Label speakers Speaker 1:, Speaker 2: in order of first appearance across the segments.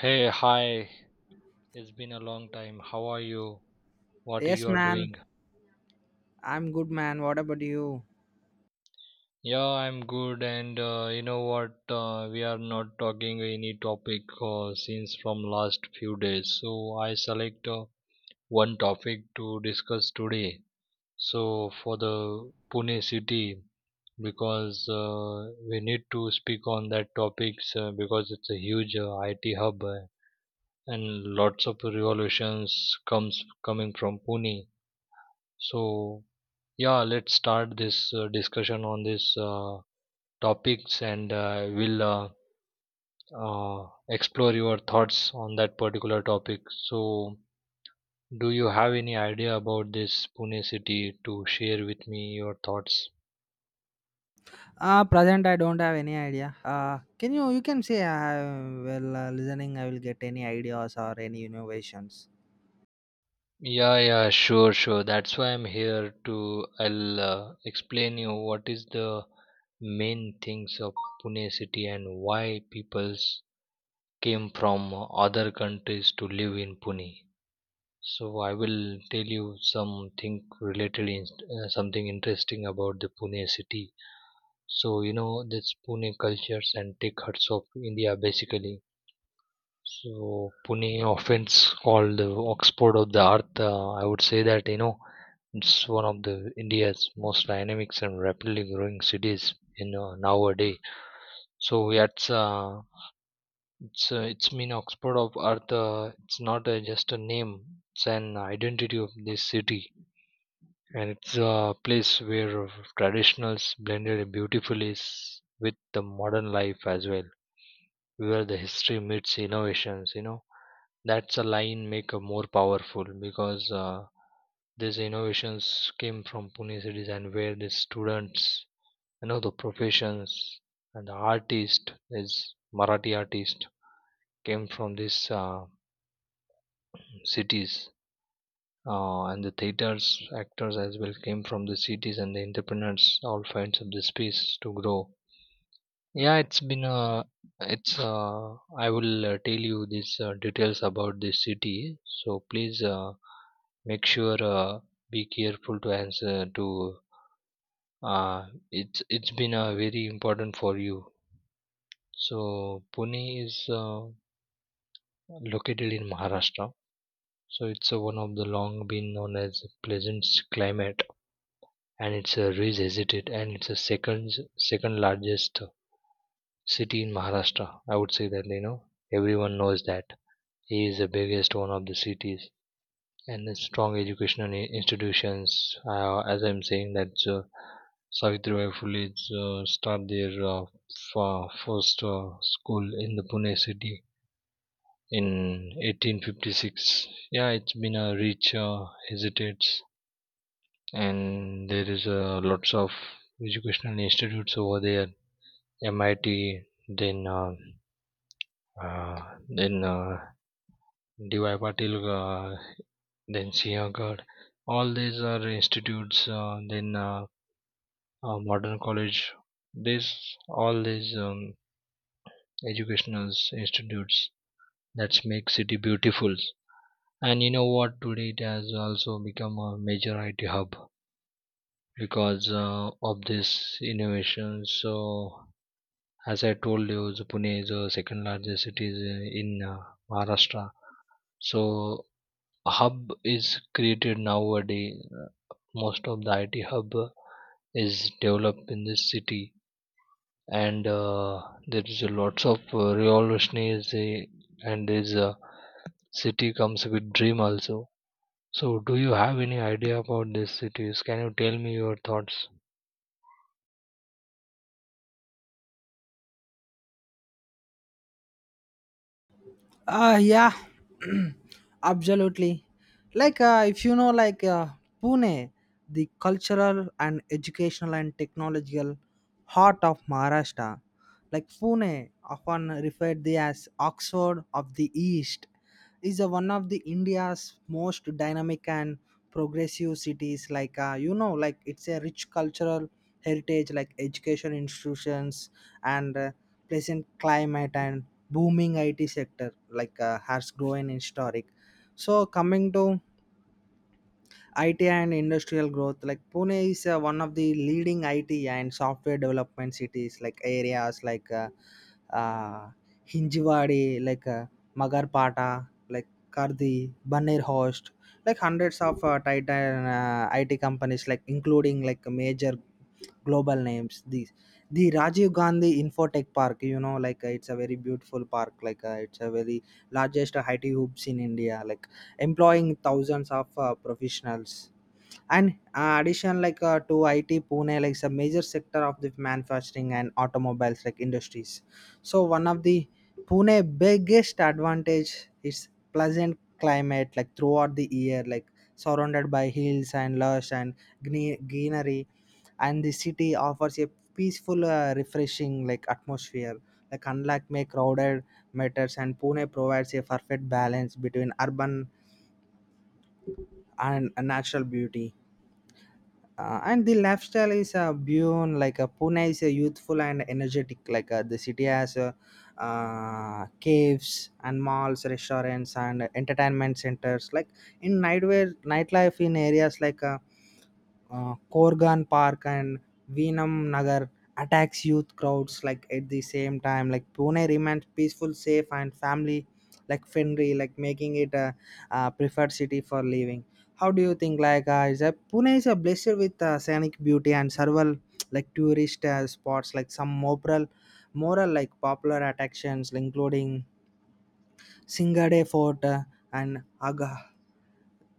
Speaker 1: Hey, hi. It's been a long time. How are you? What
Speaker 2: Yes,
Speaker 1: you are
Speaker 2: man.
Speaker 1: doing?
Speaker 2: I'm good, man. What about you?
Speaker 1: Yeah, I'm good. And you know what? We are not talking any topic since from last few days. So I select one topic to discuss today. So for the Pune city, because we need to speak on that topics because it's a huge IT hub and lots of revolutions comes coming from Pune. So yeah, let's start this discussion on these topics and we'll explore your thoughts on that particular topic. So, do you have any idea about this Pune city to share with me your thoughts?
Speaker 2: Present I don't have any idea. Can you can say well listening I will get any ideas or any innovations.
Speaker 1: Yeah, yeah, sure, sure. That's why I'm here to I'll explain you what is the main things of Pune city and why peoples came from other countries to live in Pune. So I will tell you something related, in, something interesting about the Pune city. So you know this Pune cultures and tech hubs of India basically. So Pune often called the Oxford of the Earth. I would say that you know it's one of the India's most dynamic and rapidly growing cities in nowadays. So it's mean Oxford of Earth. It's not just a name; it's an identity of this city and it's a place where traditionals blended beautifully with the modern life as well, where the history meets innovations, you know, that's a line make a more powerful because these innovations came from Pune cities, and where the students, you know, the professions and the artist is Marathi artist came from these cities and the theaters actors as well came from the cities and the entrepreneurs all finds up the space to grow. Yeah, it's been a, it's I will tell you these details about this city, so please make sure be careful to answer to uh, it's been very important for you. So Pune is located in Maharashtra. So it's one of the long been known as pleasant climate, and it's a raises it, it and it's a second largest city in Maharashtra. I would say that you know everyone knows that he is the biggest one of the cities and the strong educational institutions. As I'm saying that Savitribai Phule start their first school in the Pune city in 1856. Yeah, it's been a rich hesitates, and there is lots of educational institutes over there. MIT, then uh, then DY Patil, then Sinhagad. All these are institutes. Then Modern College. This all these educational institutes that make city beautiful. And you know what? Today it has also become a major IT hub because of this innovation. So as I told you, the Pune is the second largest city in Maharashtra. So a hub is created nowadays. Most of the IT hub is developed in this city, and there is a lots of revolutionaries and this city comes with dream also. So do you have any idea about these cities? Can you tell me your thoughts?
Speaker 2: Yeah. Absolutely. If you know Pune, the cultural and educational and technological heart of Maharashtra like Pune, often referred to as Oxford of the East, is a one of the India's most dynamic and progressive cities. You know, like it's a rich cultural heritage, like education institutions and pleasant climate and booming IT sector, has grown in historic. So coming to IT and industrial growth. Like Pune is one of the leading IT and software development cities. Like areas uh, Hinjewadi, Magarpata, like Kardi, Banerhost, like hundreds of Titan IT companies, like including like major global names. These the Rajiv Gandhi Infotech Park. You know, it's a very beautiful park. It's a very largest IT hubs in India. Like employing thousands of professionals and addition to IT Pune like is a major sector of the manufacturing and automobiles like industries. So one of the Pune biggest advantage is pleasant climate like throughout the year like surrounded by hills and lush and greenery, and the city offers a peaceful refreshing like atmosphere like unlike may crowded matters, and Pune provides a perfect balance between urban and natural beauty and the lifestyle is beyond Pune is a youthful and energetic. The city has caves and malls, restaurants, and entertainment centers. Like in nightwear, nightlife in areas Korgan Park and Veenam Nagar attacks youth crowds like at the same time. Like Pune remains peaceful, safe, and family like friendly, like making it a, preferred city for living. How do you think? Like, is that Pune is a blessed with scenic beauty and several like tourist spots, like moral like popular attractions, including Singade Fort and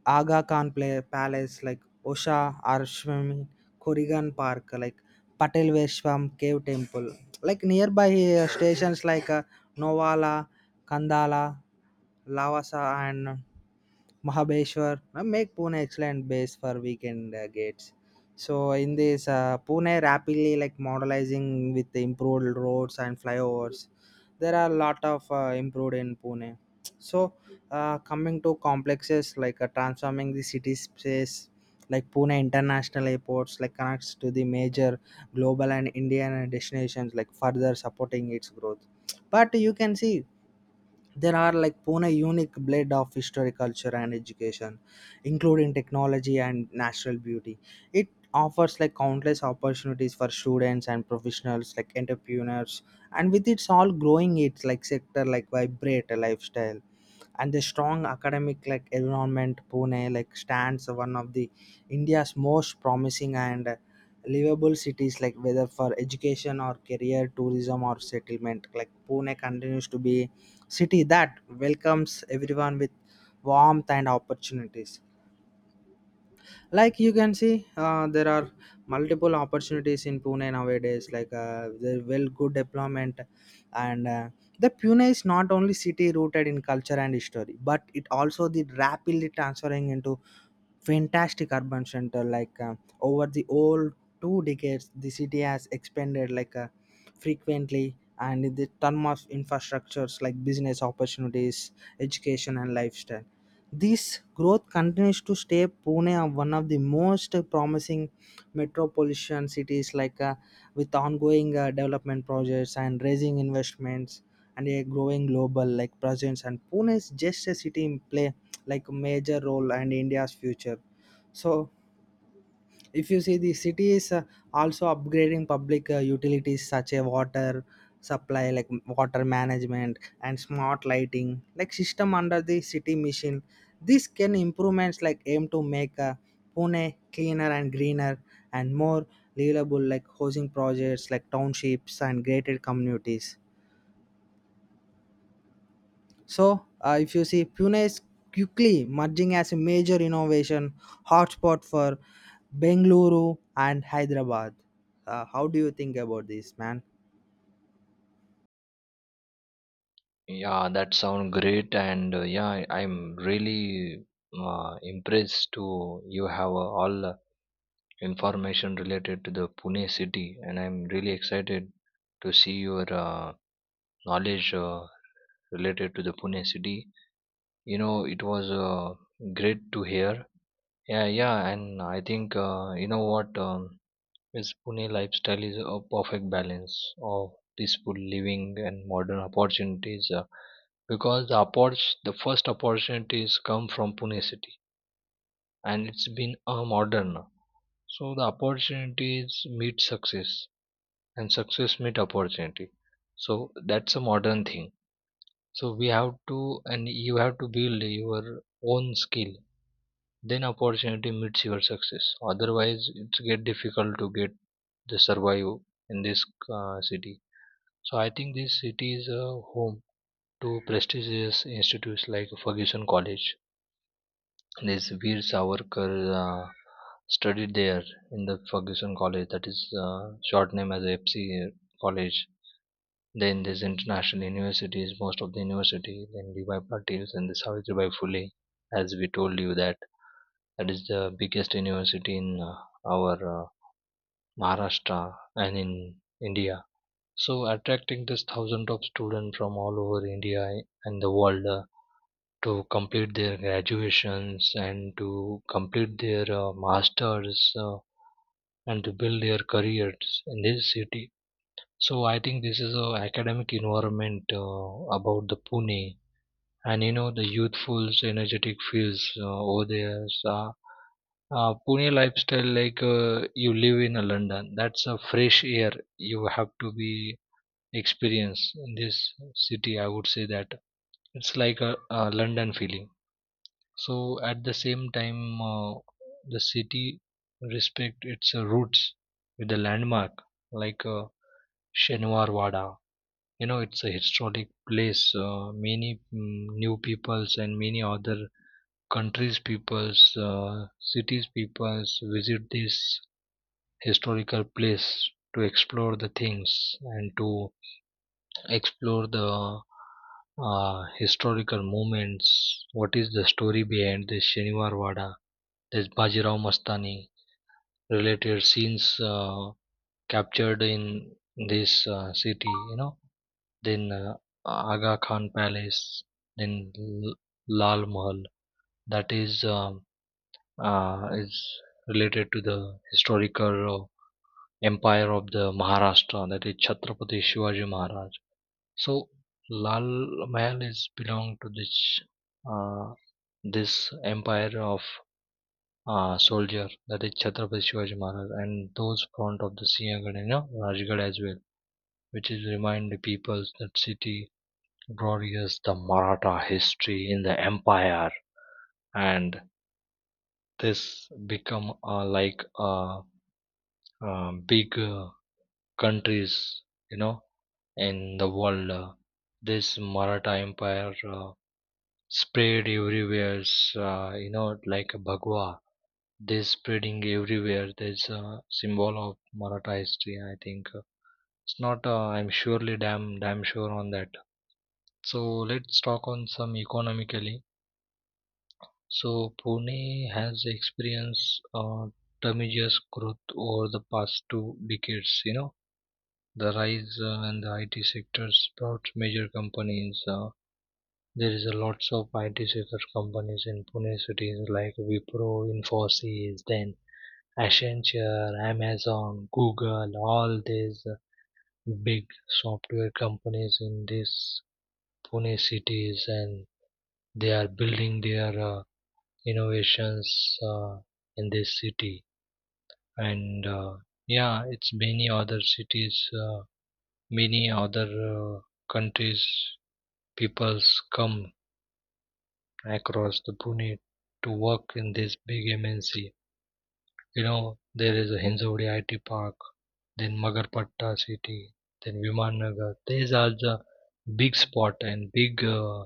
Speaker 2: Aga Khan play, Palace, like Osha Arshvami, Kurigan Park, like Patel Veshwam Cave Temple. Like nearby stations Novala, Kandala, Lavasa and Mahabeshwar make Pune excellent base for weekend gates. So in this Pune rapidly like modernizing with the improved roads and flyovers. There are a lot of improved in Pune. So coming to complexes transforming the city space like Pune International Airports like connects to the major global and Indian destinations like further supporting its growth. But you can see there are like pune unique blend of history culture and education, including technology and natural beauty. It offers like countless opportunities for students and professionals like entrepreneurs, and with its all growing its like sector like vibrate a lifestyle and the strong academic like environment pune like stands one of the india's most promising and livable cities like whether for education or career tourism or settlement like pune continues to be city that welcomes everyone with warmth and opportunities like you can see there are multiple opportunities in pune nowadays there well good deployment and the pune is not only city rooted in culture and history, but it also the rapidly transferring into fantastic urban center over the whole 2 decades the city has expanded frequently and in the term of infrastructures like business opportunities education and lifestyle. This growth continues to stay pune one of the most promising metropolitan cities with ongoing development projects and raising investments and a growing global like presence and pune is just a city in play like major role and India's future. So if you see the city is also upgrading public utilities such as water supply like water management and smart lighting like system under the city mission. This can improvements like aim to make Pune cleaner and greener and more livable like housing projects like townships and gated communities. So, if you see, Pune is quickly merging as a major innovation hotspot for Bengaluru and Hyderabad. How do you think about this, man?
Speaker 1: Yeah, that sound great, and yeah, I'm really impressed to you have all information related to the Pune city, and I'm really excited to see your knowledge related to the Pune city. You know, it was great to hear. Yeah, yeah, and I think you know what. His Pune lifestyle is a perfect balance of peaceful living and modern opportunities because the first opportunities come from Pune city, and it's been a modern now. So the opportunities meet success and success meet opportunity. So that's a modern thing. So we have to, and you have to build your own skill, then opportunity meets your success, otherwise it's get difficult to get the survive in this city. So I think this city is a home to prestigious institutes like Ferguson College. This Veer Savarkar uh, studied there in the Ferguson College, that is uh, short name as FC College. Then there's international universities, most of the university, then Levi Patils and the Savitribai Phule, as we told you, that that is the biggest university in our Maharashtra and in India. So attracting this thousand of students from all over India and the world to complete their graduations and to complete their masters and to build their careers in this city. So I think this is a academic environment about the Pune. And you know the youthful energetic fields over there are Pune lifestyle, like you live in a London, that's a fresh air you have to be experience in this city. I would say that it's like a London feeling. So at the same time, the city respect its roots with the landmark like Shenwar Wada. You know, it's a historic place. Many new peoples and many other countries peoples, cities peoples visit this historical place to explore the things and to explore the historical moments. What is the story behind this Shaniwar Wada, this Bajirao Mastani, related scenes captured in this city, you know, then Aga Khan Palace, then Lal Mahal. That is related to the historical empire of the Maharashtra, that is Chhatrapati Shivaji Maharaj. So Lal Mahal is belong to this uh, empire of soldier, that is Chhatrapati Shivaji Maharaj, and those front of the Sinhagad and Rajgad as well, which is remind the peoples that city glorious the Maratha history in the empire, and this become like a big countries, you know, in the world. This Maratha Empire spread everywhere, you know, like a Bhagwa. They spreading everywhere. There's a symbol of Maratha history, I think. It's not, I'm surely damn sure on that. So let's talk on some economically. So Pune has experienced tremendous growth over the past two decades. You know, the rise in the IT sectors brought major companies there is a lots of IT sector companies in Pune cities like Wipro, Infosys, then Accenture, Amazon, Google, all these big software companies in these Pune cities, and they are building their innovations in this city, and yeah, it's many other cities, many other countries peoples come across the Pune to work in this big MNC. You know, there is a Hinjawadi IT Park, then Magarpatta City, then Viman Nagar. These are the big spot and big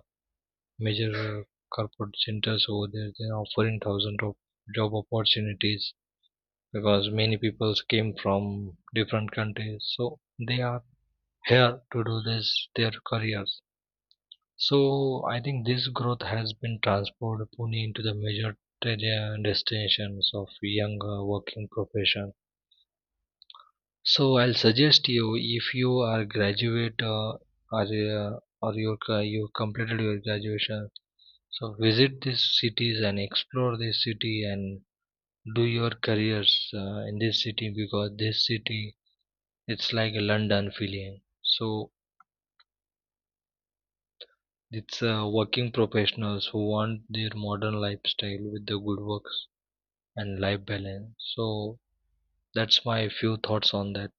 Speaker 1: major corporate centers over there. They are offering thousands of job opportunities because many people came from different countries. So they are here to do this their careers. So I think this growth has been transformed Pune into the major destinations of young working profession. So I'll suggest you, if you are graduate or you completed your graduation, so visit these cities and explore this city and do your careers in this city because this city it's like a London feeling. So it's working professionals who want their modern lifestyle with the good works and life balance. So that's my few thoughts on that.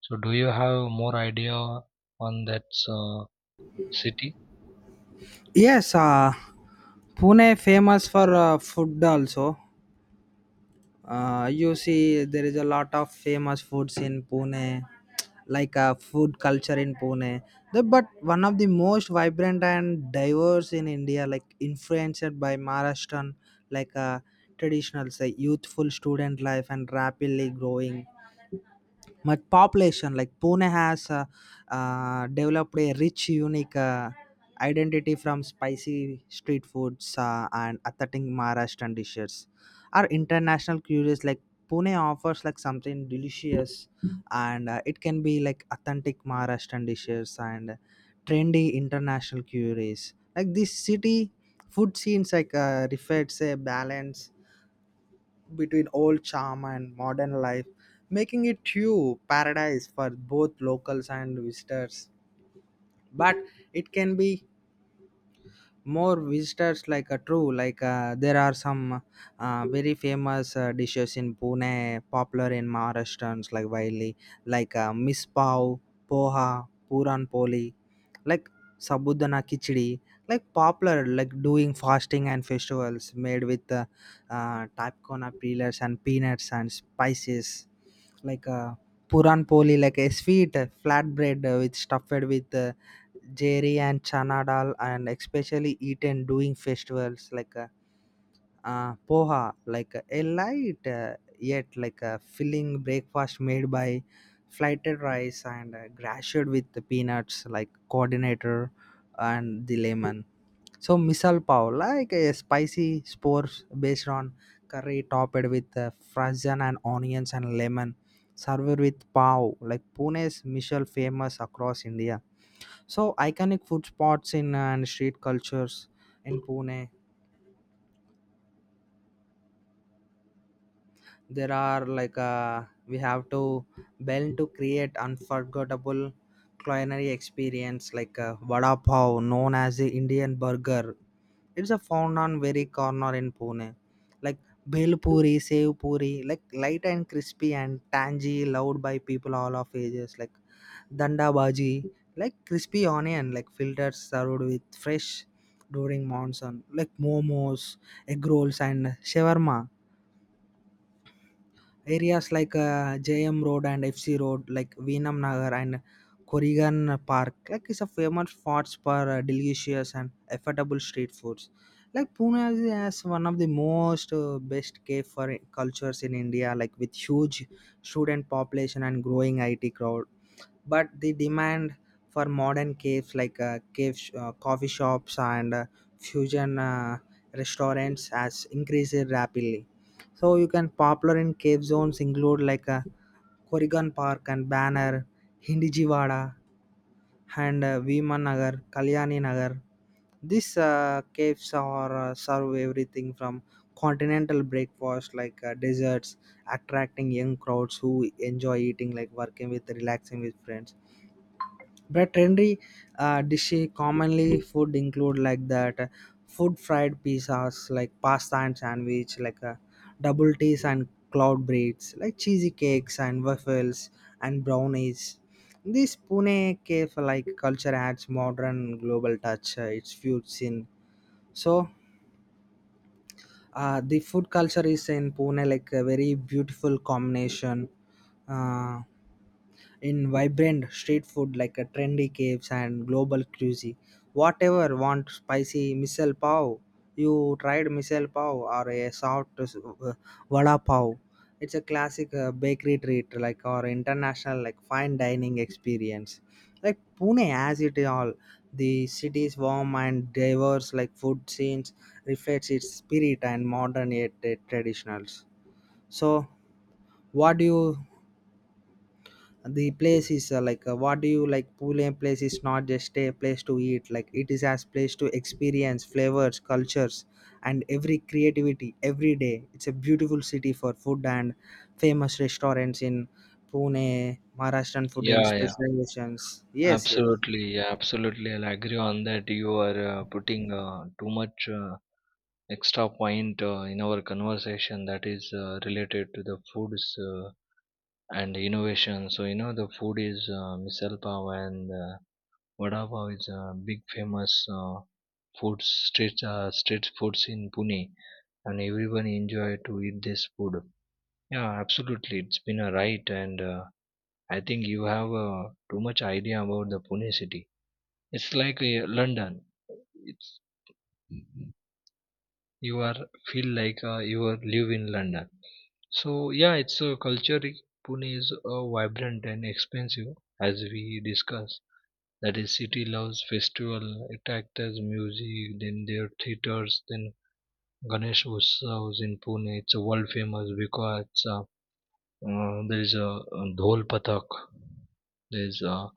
Speaker 1: So do you have more idea on that uh, city?
Speaker 2: Yes, Pune famous for food also. You see, there is a lot of famous foods in Pune, food culture in Pune. The, but one of the most vibrant and diverse in India, like influenced by Maharashtrian, like uh, traditional, say, youthful student life and rapidly growing much population like pune has developed a rich unique identity from spicy street foods and authentic maharashtrian dishes our international curious like pune offers like something delicious and it can be like authentic maharashtrian dishes and trendy international curies like this city food scenes reflects a balance between old charm and modern life, making it true paradise for both locals and visitors. But it can be more visitors like a true there are some very famous dishes in Pune popular in Maharashtrians like widely miss pav, poha, puran poli, like sabudana Kichdi, like popular like doing fasting and festivals made with tapkona peelers and peanuts and spices like uh, puran poli like a sweet flatbread with stuffed with jerry and chana dal and especially eaten during festivals poha, like a light yet like a filling breakfast made by flighted rice and grashed with the peanuts, like coordinator and the lemon. So misal pav, like a spicy spores based on curry topped with frozen and onions and lemon. Served with pav, like Pune's misal famous across India. So iconic food spots in and street cultures in Pune there are we have to bell to create unforgettable culinary experience vada pav known as the indian burger, it's a found on very corner in pune like bhel puri sev puri like light and crispy and tangy loved by people all of ages like danda bhaji like crispy onion like filtered served with fresh during monsoon like momos egg rolls and shawarma. Areas JM Road and FC Road, like Veenam Nagar and Corrigan Park, like is a famous spots for delicious and affordable street foods. Like Pune has one of the most best cave for cultures in India, like with huge student population and growing IT crowd, but the demand for modern caves coffee shops and fusion restaurants has increased rapidly so you can popular in cave zones include Corrigan Park and Banner, Hindijiwada and Viman Nagar, Kalyani Nagar. These caves are serve everything from continental breakfast desserts, attracting young crowds who enjoy eating like working with relaxing with friends but trendy dishes commonly food include like that food fried pizzas like pasta and sandwich double teas and cloud breads like cheesy cakes and waffles and brownies. This Pune cafe like culture adds modern global touch. It's fused in so the food culture is in Pune like a very beautiful combination. Uh, in vibrant street food like a trendy caves and global cuisine. Whatever want spicy misal pav, you tried misal pav or a soft vada pav. It's a classic bakery treat like or international like fine dining experience. Like Pune has it all. The city's warm and diverse like food scenes reflects its spirit and modern yet traditionals. So what do you the place is what do you like Pune place is not just a place to eat like it is as place to experience flavors cultures and every creativity every day it's a beautiful city for food and famous restaurants in Pune Maharashtrian food in
Speaker 1: Yeah, yeah,
Speaker 2: specializations yes yes.
Speaker 1: absolutely, yeah, absolutely. I'll agree on that. You are putting too much extra point in our conversation that is related to the foods and innovation. So you know the food is misal pav and vada pav is a big famous food street street foods in Pune, and everyone enjoy to eat this food. Yeah, absolutely. It's been a right, and I think you have too much idea about the Pune city. It's like London. It's you are feel like you are live in London. So yeah, it's a culture. Pune is vibrant and expensive, as we discussed. That is, city loves festival, it actors, music, then their theaters, then Ganesh Utsavs in Pune. It's a world famous because there is a dhol pathak. There's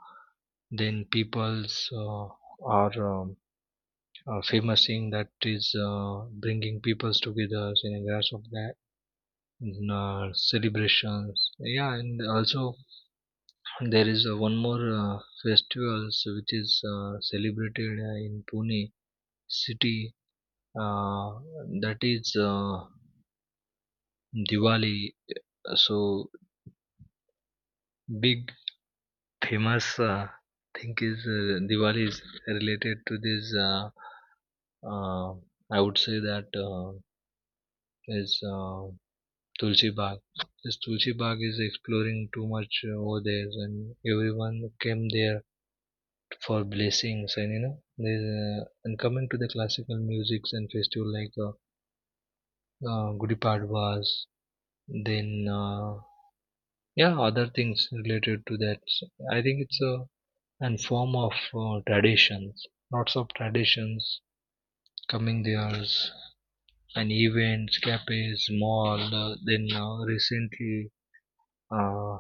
Speaker 1: then peoples are famous thing that is bringing peoples together in a grasp of that in, celebrations. Yeah, and also there is one more festivals which is celebrated in Pune city. Uh, that is Diwali. So big famous thing is Diwali is related to this. uh, I would say that is Tulsi Bagh. This Tulsi Bagh is exploring too much over there, and everyone came there for blessings. And coming to the classical musics and festival like Gudi Padwas, then yeah, other things related to that. So I think it's a an form of traditions, lots of traditions coming. There's an events, cafes, mall. Then recently, uh,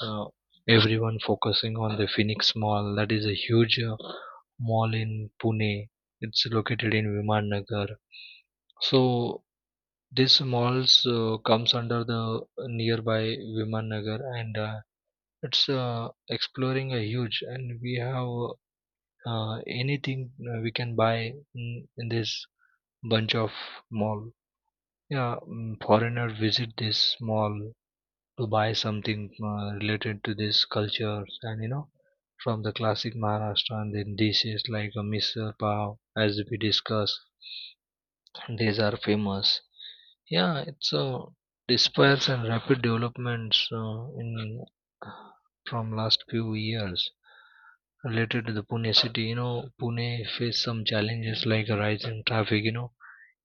Speaker 1: so everyone focusing on the Phoenix Mall. That is a huge mall in Pune. It's located in Viman Nagar. So this malls comes under the nearby Viman Nagar, and it's exploring a huge. And we have anything we can buy in this bunch of mall. Yeah, foreigner visit this mall to buy something related to this culture, and you know, from the classic Maharashtra and dishes like a misal pav, as we discussed, these are famous. Yeah, it's despairs and rapid developments in from last few years related to the Pune city. You know, Pune faced some challenges like a rise in traffic. You know,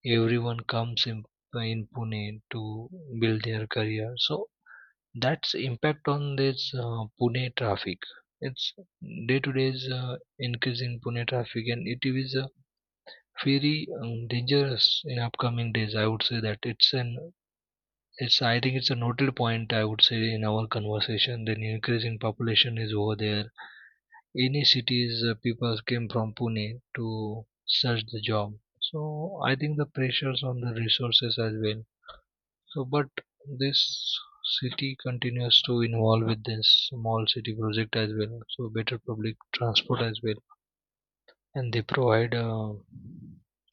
Speaker 1: everyone comes in Pune to build their career. So that's impact on this Pune traffic. It's day to day's is increasing Pune traffic, and it is very dangerous in upcoming days. I would say that it's an it's I think it's a noted point. I would say in our conversation, the increasing population is over there. Any cities, people came from Pune to search the job. So I think the pressures on the resources as well. So, but this city continues to involve with this small city project as well. So, better public transport as well, and they provide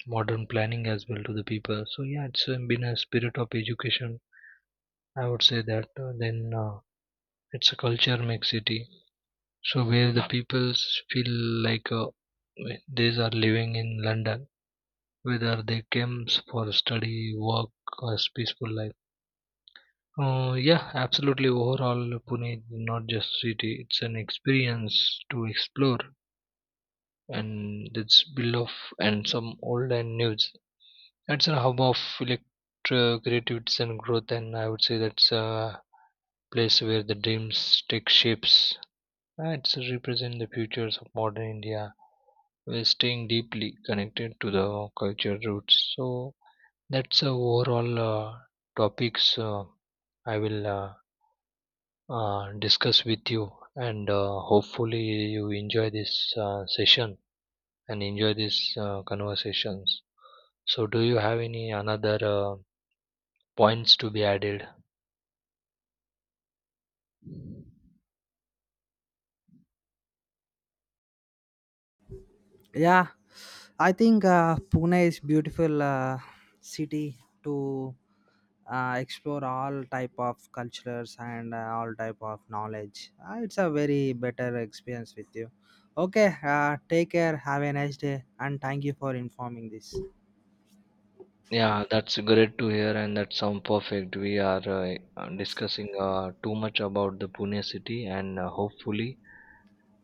Speaker 1: modern planning as well to the people. So, yeah, it's been a spirit of education. I would say that then it's a culture mix city. So, where the peoples feel like these are living in London, whether they came for study, work, or peaceful life. Yeah, absolutely. Overall, Pune is not just city; it's an experience to explore, and it's built of and some old and news. It's a hub of electro creativity and growth, and I would say that's a place where the dreams take shapes. It's represent the futures of modern India, while staying deeply connected to the culture roots. So that's a overall topics I will discuss with you, and hopefully you enjoy this session and enjoy these conversations. So, do you have any another points to be added?
Speaker 2: Yeah, I think Pune is beautiful city to explore all type of cultures and all type of knowledge. It's a very better experience with you. Okay, take care. Have a nice day, and thank you for informing this.
Speaker 1: Yeah, that's great to hear, and that sound perfect. We are discussing too much about the Pune city, and hopefully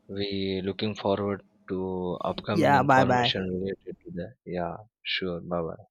Speaker 1: we looking forward to upcoming
Speaker 2: Yeah, bye
Speaker 1: information
Speaker 2: bye.
Speaker 1: related to that. Yeah, sure. Bye bye.